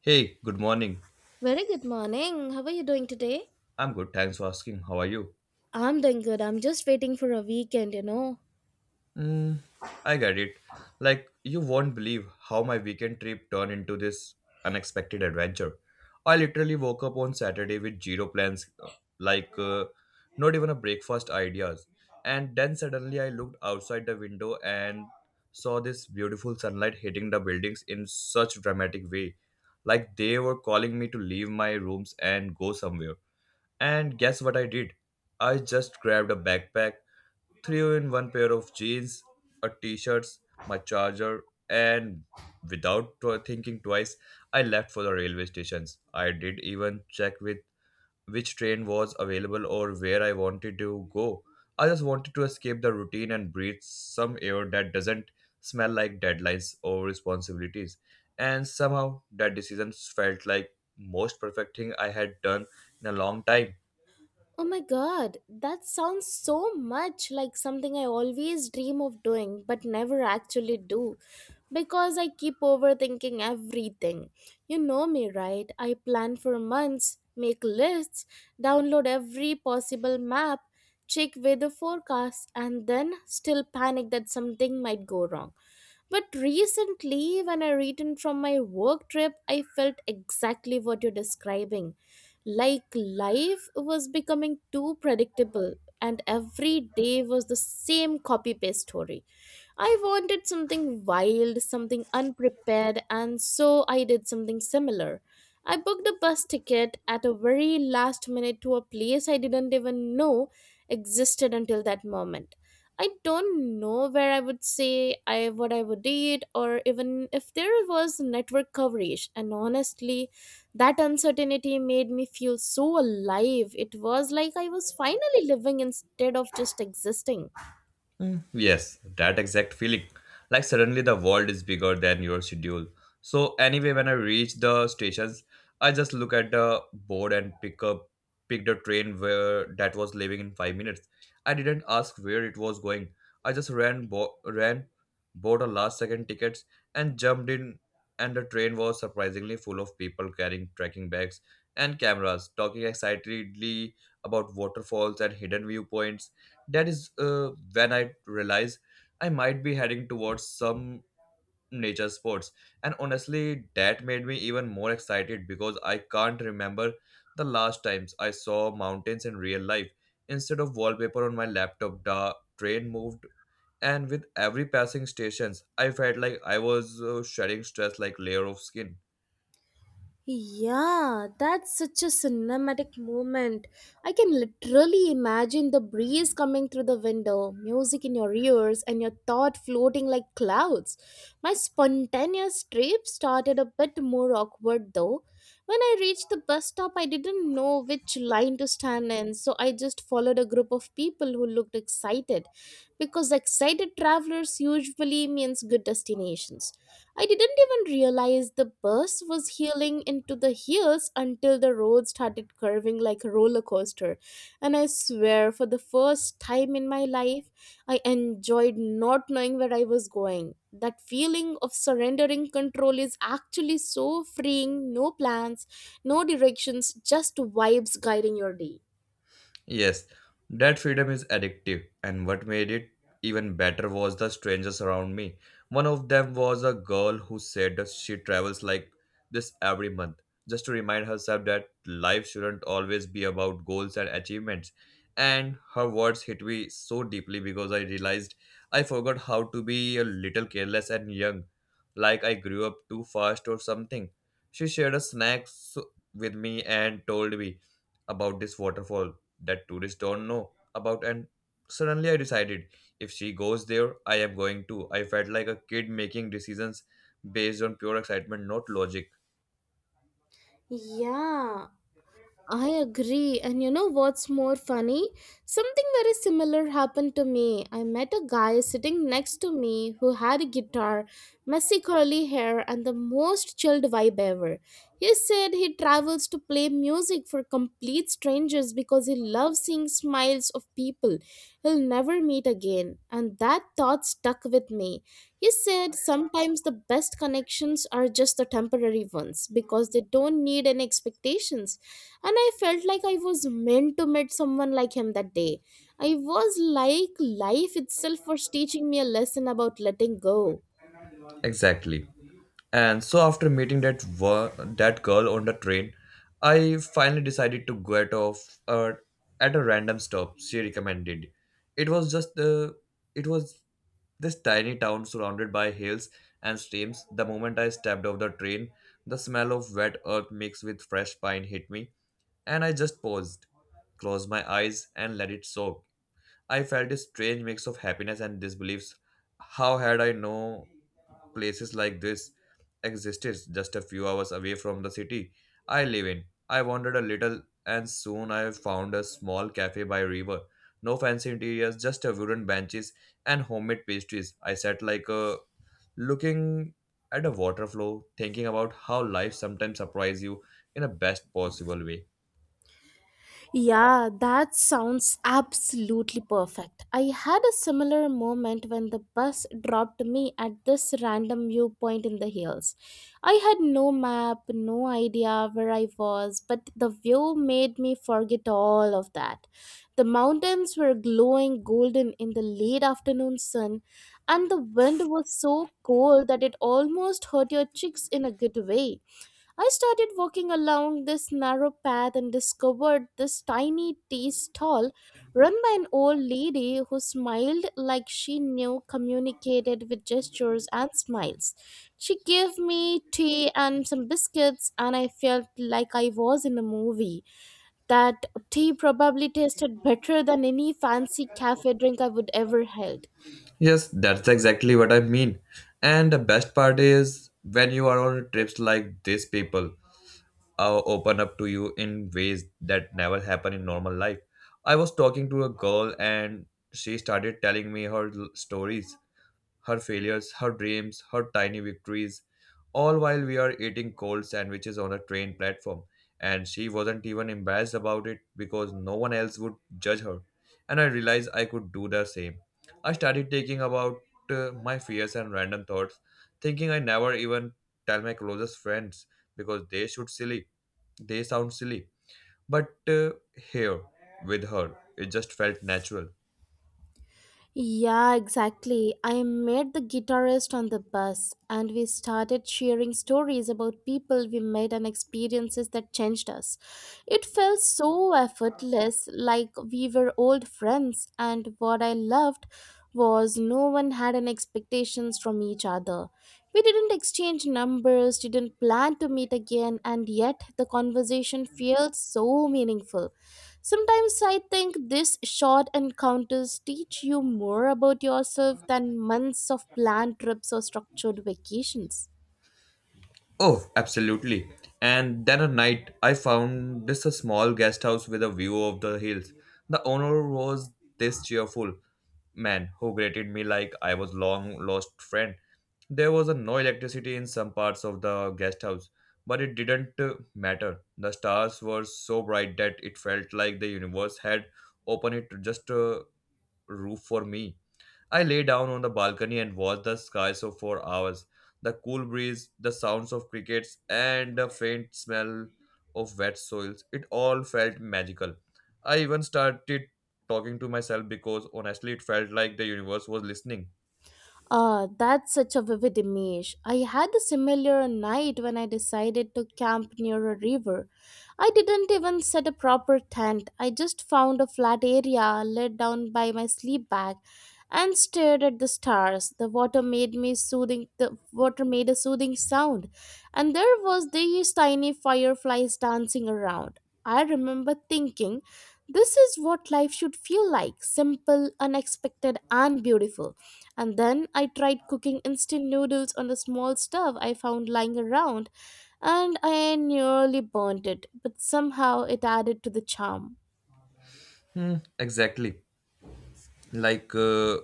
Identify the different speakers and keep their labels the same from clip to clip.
Speaker 1: Hey, good morning.
Speaker 2: Very good morning. How are you doing today?
Speaker 1: I'm good, thanks for asking. How are you?
Speaker 2: I'm doing good. I'm just waiting for a weekend.
Speaker 1: Mm, I get it. Like, you won't believe how my weekend trip turned into this unexpected adventure. I literally woke up on Saturday with zero plans, like, uh, not even a breakfast ideas. And then suddenly I looked outside the window and saw this beautiful sunlight hitting the buildings in such dramatic way. Like, they were calling me to leave my rooms and go somewhere. And guess what I did? I just grabbed a backpack, threw in one pair of jeans, a t-shirts, my charger, and without tw- thinking twice, I left for the railway stations. I did even check with which train was available or where I wanted to go. I just wanted to escape the routine and breathe some air that doesn't smell like deadlines or responsibilities. And somehow that decision felt like most perfect thing I had done in a long time.
Speaker 2: Oh my god, that sounds so much like something I always dream of doing but never actually do because I keep overthinking everything. You know me, right? I plan for months, make lists, download every possible map, check weather forecasts, and then still panic that something might go wrong. But recently, when I returned from my work trip, I felt exactly what you're describing. Like, life was becoming too predictable, and every day was the same copy paste story. I wanted something wild, something unprepared, and so I did something similar. I booked a bus ticket at a very last minute to a place I didn't even know existed until that moment. I don't know where I would say I what I would eat or even if there was network coverage, and honestly that uncertainty made me feel so alive. It was like I was finally living instead of just existing.
Speaker 1: Mm, yes, that exact feeling. Like suddenly the world is bigger than your schedule. So anyway, when I reach the stations, I just look at the board and pick the train where that was leaving in 5 minutes. I didn't ask where it was going. I just ran, bought a last second tickets and jumped in, and the train was surprisingly full of people carrying trekking bags and cameras, talking excitedly about waterfalls and hidden viewpoints. That is when I realized I might be heading towards some nature sports. And honestly, that made me even more excited because I can't remember the last times I saw mountains in real life. Instead of wallpaper on my laptop, the train moved, and with every passing stations, I felt like I was shedding stress like layer of skin.
Speaker 2: Yeah, that's such a cinematic moment. I can literally imagine the breeze coming through the window, music in your ears, and your thought floating like clouds. My spontaneous trip started a bit more awkward though. When I reached the bus stop, I didn't know which line to stand in, so I just followed a group of people who looked excited because excited travelers usually means good destinations. I didn't even realize the bus was heeling into the hills until the road started curving like a roller coaster. And I swear, for the first time in my life, I enjoyed not knowing where I was going. That feeling of surrendering control is actually so freeing, no plans, no directions, just vibes guiding your day.
Speaker 1: Yes, that freedom is addictive, and what made it even better was the strangers around me. One of them was a girl who said that she travels like this every month, just to remind herself that life shouldn't always be about goals and achievements. And her words hit me so deeply because I realized I forgot how to be a little careless and young, like I grew up too fast or something. She shared a with me and told me about this waterfall that tourists don't know about, and suddenly I decided if she goes there I am going too. I felt like a kid making decisions based on pure excitement, not logic.
Speaker 2: Yeah, I agree. And you know what's more funny? Something very similar happened to me. I met a guy sitting next to me who had a guitar, messy curly hair, and the most chilled vibe ever. He said he travels to play music for complete strangers because he loves seeing smiles of people he'll never meet again. And that thought stuck with me. He said sometimes the best connections are just the temporary ones because they don't need any expectations, and I felt like I was meant to meet someone like him that day. I was like, life itself was teaching me a lesson about letting go.
Speaker 1: Exactly. And so after meeting that girl on the train, I finally decided to get off at a random stop she recommended. It was just the it was this tiny town surrounded by hills and streams. The moment I stepped off the train, the smell of wet earth mixed with fresh pine hit me, and I just paused, closed my eyes, and let it soak. I felt a strange mix of happiness and disbeliefs. How had I known places like this existed just a few hours away from the city I live in. I wandered a little and soon I found a small cafe by river. No fancy interiors, just a wooden benches and homemade pastries. I sat like a looking at a water flow, thinking about how life sometimes surprises you in a best possible way.
Speaker 2: Yeah, that sounds absolutely perfect. I had a similar moment when the bus dropped me at this random viewpoint in the hills. I had no map, no idea where I was, but the view made me forget all of that. The mountains were glowing golden in the late afternoon sun, and the wind was so cold that it almost hurt your cheeks in a good way. I started walking along this narrow path and discovered this tiny tea stall run by an old lady who smiled like she knew, communicated with gestures and smiles. She gave me tea and some biscuits, and I felt like I was in a movie. That tea probably tasted better than any fancy cafe drink I would ever held.
Speaker 1: Yes, that's exactly what I mean. And the best part is when you are on trips like these people, open up to you in ways that never happen in normal life. I was talking to a girl and she started telling me stories, her failures, her dreams, her tiny victories, all while we are eating cold sandwiches on a train platform. And she wasn't even embarrassed about it because no one else would judge her. And I realized I could do the same. I started thinking about my fears and random thoughts, thinking I never even tell my closest friends because they should silly. They sound silly. But here, with her, it just felt natural.
Speaker 2: Yeah, exactly. I met the guitarist on the bus and we started sharing stories about people we met and experiences that changed us. It felt so effortless, like we were old friends, and what I loved was no one had any expectations from each other. We didn't exchange numbers, didn't plan to meet again, and yet the conversation felt so meaningful. Sometimes I think these short encounters teach you more about yourself than months of planned trips or structured vacations.
Speaker 1: Oh, absolutely. And then a night, I found this a small guest house with a view of the hills. The owner was this cheerful man who greeted me like I was long lost friend. There was a no electricity in some parts of the guest house, but it didn't matter. The stars were so bright that it felt like the universe had opened it just a roof for me. I lay down on the balcony and watched the sky so for hours. The cool breeze, the sounds of crickets, and the faint smell of wet soils. It all felt magical. I even started talking to myself because honestly, it felt like the universe was listening.
Speaker 2: Ah, that's such a vivid image. I had a similar night when I decided to camp near a river. I didn't even set a proper tent. I just found a flat area, laid down by my sleep bag and stared at the stars. The water made me soothing, the water made a soothing sound, and there was these tiny fireflies dancing around. I remember thinking, this is what life should feel like, simple, unexpected, and beautiful. And then I tried cooking instant noodles on the small stove I found lying around, and I nearly burnt it, but somehow it added to the charm.
Speaker 1: Hmm, exactly. Like, uh,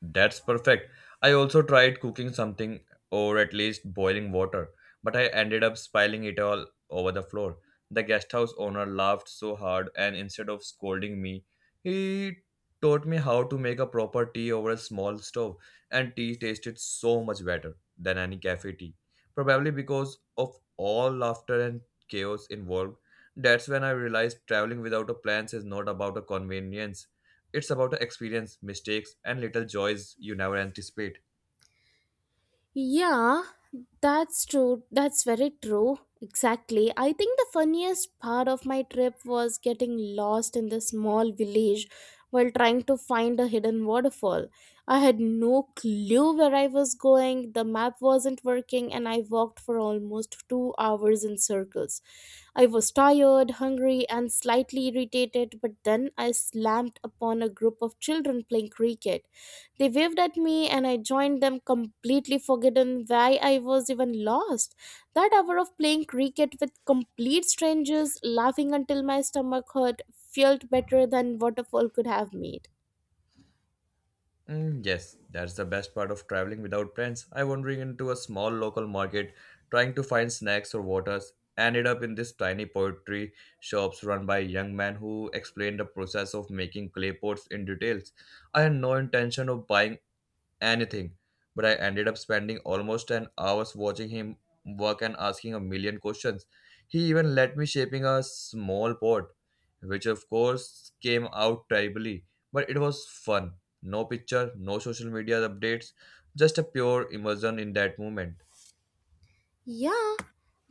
Speaker 1: that's perfect. I also tried cooking something, or at least boiling water, but I ended up spilling it all over the floor. The guest house owner laughed so hard, and instead of scolding me, he taught me how to make a proper tea over a small stove, and tea tasted so much better than any cafe tea. Probably because of all laughter and chaos involved, that's when I realized traveling without a plan is not about a convenience, it's about the experience, mistakes, and little joys you never anticipate.
Speaker 2: Yeah, that's true. That's very true. Exactly. I think the funniest part of my trip was getting lost in the small village while trying to find a hidden waterfall. I had no clue where I was going, the map wasn't working, and I walked for almost 2 hours in circles. I was tired, hungry, and slightly irritated, but then I slammed upon a group of children playing cricket. They waved at me and I joined them, completely forgotten why I was even lost. That hour of playing cricket with complete strangers, laughing until my stomach hurt, felt better than waterfall could have made.
Speaker 1: Mm, yes, that's the best part of traveling without plans. I wandering into a small local market, trying to find snacks or waters. Ended up in this tiny pottery shops run by a young man who explained the process of making clay pots in details. I had no intention of buying anything, but I ended up spending almost an hour watching him work and asking a million questions. He even let me shaping a small pot, which of course came out terribly, but it was fun. No picture, no social media updates, just a pure immersion in that moment.
Speaker 2: Yeah,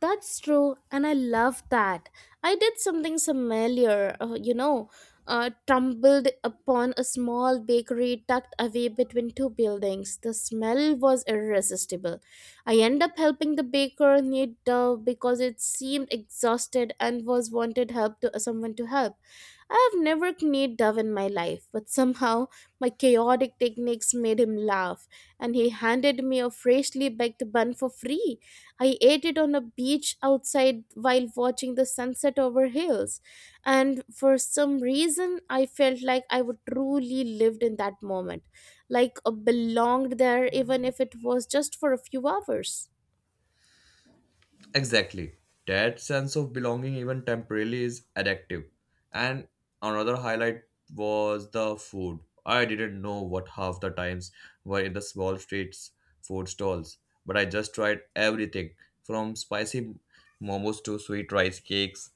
Speaker 2: that's true, and I love that. I did something similar, you know, tumbled upon a small bakery tucked away between two buildings. The smell was irresistible. I ended up helping the baker knead dough because it seemed exhausted and was wanted help to someone to help. I have never kneaded dough in my life, but somehow my chaotic techniques made him laugh, and he handed me a freshly baked bun for free. I ate it on a beach outside while watching the sunset over hills. And for some reason, I felt like I would truly lived in that moment, like belonged there, even if it was just for a few hours.
Speaker 1: Exactly. That sense of belonging, even temporarily, is addictive. And another highlight was the food. I didn't know what half the times were in the small streets food stalls, but I just tried everything from spicy momos to sweet rice cakes,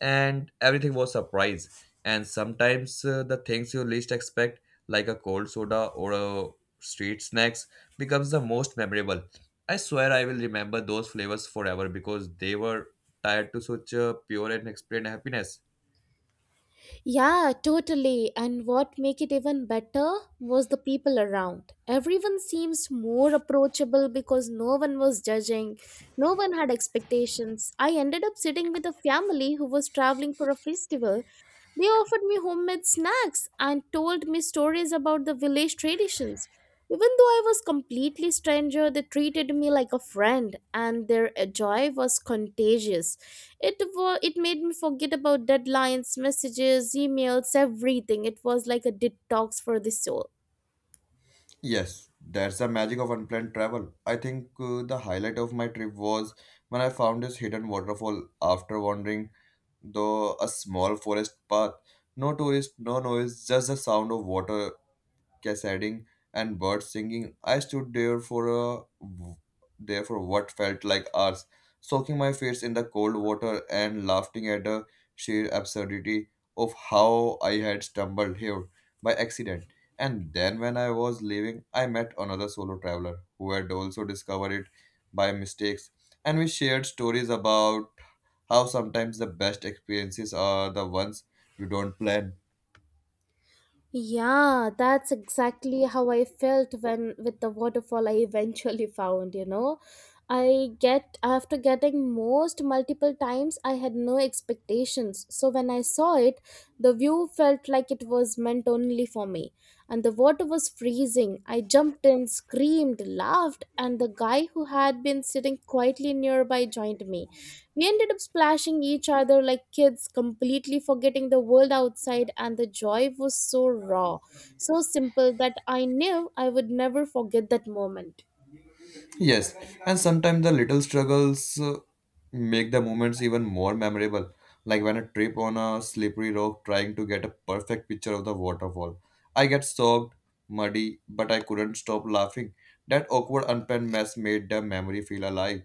Speaker 1: and everything was surprise, and sometimes the things you least expect like a cold soda or a street snacks becomes the most memorable. I swear I will remember those flavors forever because they were tied to such a pure and explained happiness.
Speaker 2: Yeah, totally. And what make it even better was the people around. Everyone seems more approachable because no one was judging, no one had expectations. I ended up sitting with a family who was traveling for a festival. They offered me homemade snacks and told me stories about the village traditions. Even though I was completely stranger, they treated me like a friend, and their joy was contagious. It was, it made me forget about deadlines, messages, emails, everything. It was like a detox for the soul.
Speaker 1: Yes, that's the magic of unplanned travel. I think the highlight of my trip was when I found this hidden waterfall after wandering though a small forest path. No tourists, no noise, just the sound of water cascading and birds singing. I stood there for a there for what felt like hours, soaking my face in the cold water and laughing at the sheer absurdity of how I had stumbled here by accident. And then when I was leaving, I met another solo traveler who had also discovered it by mistakes, and we shared stories about how sometimes the best experiences are the ones you don't plan.
Speaker 2: Yeah, that's exactly how I felt when with the waterfall I eventually found. I get after getting most multiple times, I had no expectations. So when I saw it, the view felt like it was meant only for me. And the water was freezing. I jumped in, screamed, laughed, and the guy who had been sitting quietly nearby joined me. We ended up splashing each other like kids, completely forgetting the world outside, and the joy was so raw, so simple that I knew I would never forget that moment.
Speaker 1: Yes, and sometimes the little struggles make the moments even more memorable. Like when I trip on a slippery rock trying to get a perfect picture of the waterfall. I get soaked, muddy, but I couldn't stop laughing. That awkward unplanned mess made the memory feel alive.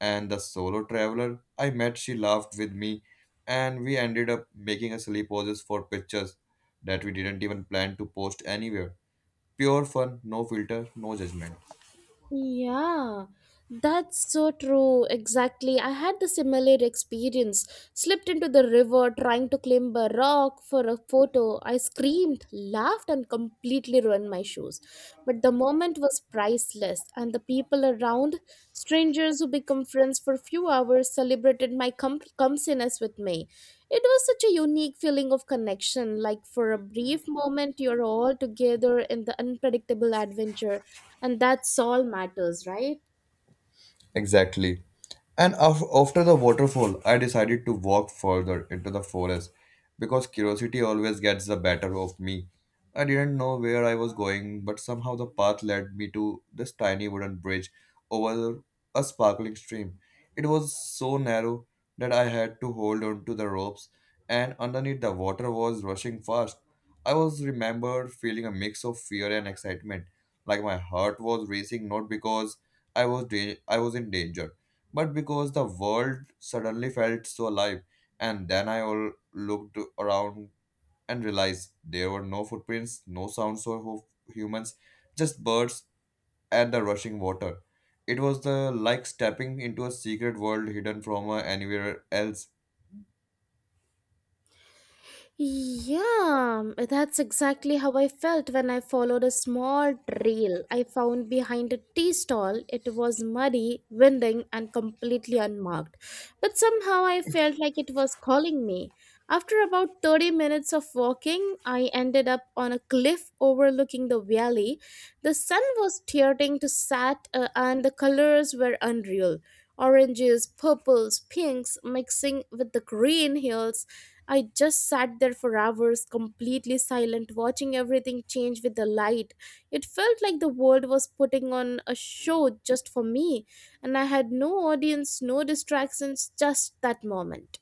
Speaker 1: And the solo traveler I met, she laughed with me, and we ended up making a silly poses for pictures that we didn't even plan to post anywhere. Pure fun, no filter, no judgment.
Speaker 2: Yeah, that's so true. Exactly. I had the similar experience. Slipped into the river trying to climb a rock for a photo. I screamed, laughed, and completely ruined my shoes. But the moment was priceless, and the people around, strangers who become friends for a few hours, celebrated my clumsiness with me. It was such a unique feeling of connection. Like for a brief moment, you're all together in the unpredictable adventure, and that's all matters, right?
Speaker 1: Exactly. And after the waterfall, I decided to walk further into the forest because curiosity always gets the better of me. I didn't know where I was going, but somehow the path led me to this tiny wooden bridge over a sparkling stream. It was so narrow that I had to hold on to the ropes, and underneath the water was rushing fast. I was remembered feeling a mix of fear and excitement, like my heart was racing not because I was in danger, but because the world suddenly felt so alive, and then I all looked around and realized there were no footprints, no sounds or hoof humans, just birds and the rushing water. It was the like stepping into a secret world hidden from anywhere else.
Speaker 2: Yeah, that's exactly how I felt when I followed a small trail I found behind a tea stall. It was muddy, winding, and completely unmarked. But somehow I felt like it was calling me. After about 30 minutes of walking, I ended up on a cliff overlooking the valley. The sun was starting to set, and the colors were unreal. Oranges, purples, pinks mixing with the green hills. I just sat there for hours, completely silent, watching everything change with the light. It felt like the world was putting on a show just for me, and I had no audience, no distractions, just that moment.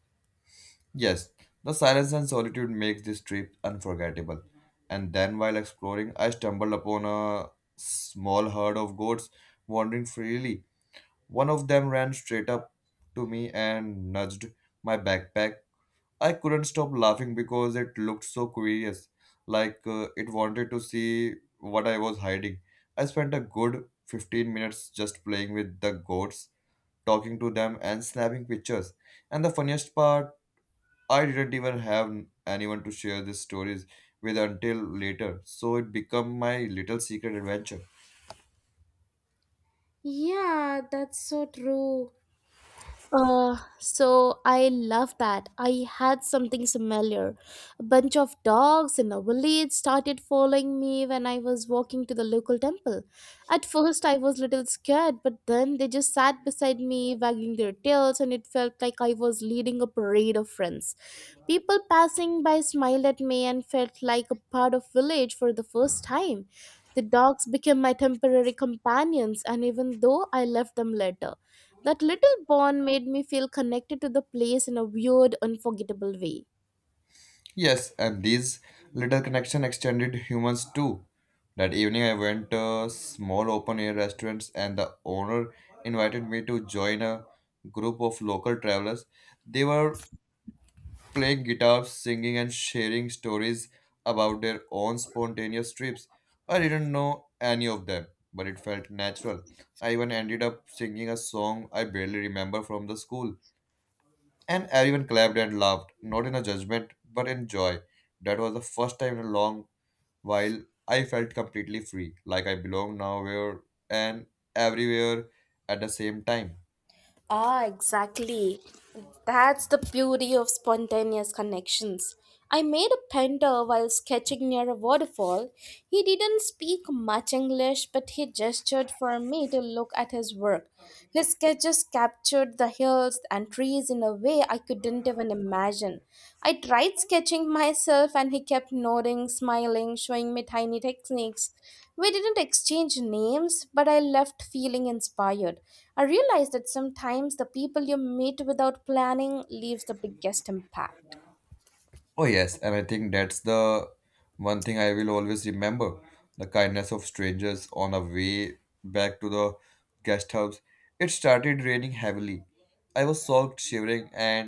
Speaker 1: Yes, the silence and solitude makes this trip unforgettable. And then while exploring, I stumbled upon a small herd of goats wandering freely. One of them ran straight up to me and nudged my backpack. I couldn't stop laughing because it looked so curious, like it wanted to see what I was hiding. I spent a good 15 minutes just playing with the goats, talking to them, and snapping pictures. And the funniest part, I didn't even have anyone to share these stories with until later, so it became my little secret adventure.
Speaker 2: Yeah, that's so true. So I love that. I had something similar. A bunch of dogs in a village started following me when I was walking to the local temple. At first, I was little scared, but then they just sat beside me, wagging their tails, and it felt like I was leading a parade of friends. People passing by smiled at me and felt like a part of village for the first time. The dogs became my temporary companions, and even though I left them later. That little bond made me feel connected to the place in a weird, unforgettable way.
Speaker 1: Yes, and these little connection extended humans too. That evening, I went to small open air restaurants, and the owner invited me to join a group of local travelers. They were playing guitar, singing, and sharing stories about their own spontaneous trips. I didn't know any of them, but it felt natural. I even ended up singing a song I barely remember from the school, and everyone clapped and laughed, not in a judgment, but in joy. That was the first time in a long while I felt completely free, like I belong nowhere and everywhere at the same time.
Speaker 2: Ah, exactly. That's the beauty of spontaneous connections. I made a painter while sketching near a waterfall. He didn't speak much English, but he gestured for me to look at his work. His sketches captured the hills and trees in a way I couldn't even imagine. I tried sketching myself, and he kept nodding, smiling, showing me tiny techniques. We didn't exchange names, but I left feeling inspired. I realized that sometimes the people you meet without planning leaves the biggest impact.
Speaker 1: Oh, yes, and I think that's the one thing I will always remember, the kindness of strangers on our way back to the guest house. It started raining heavily. I was soaked, shivering, and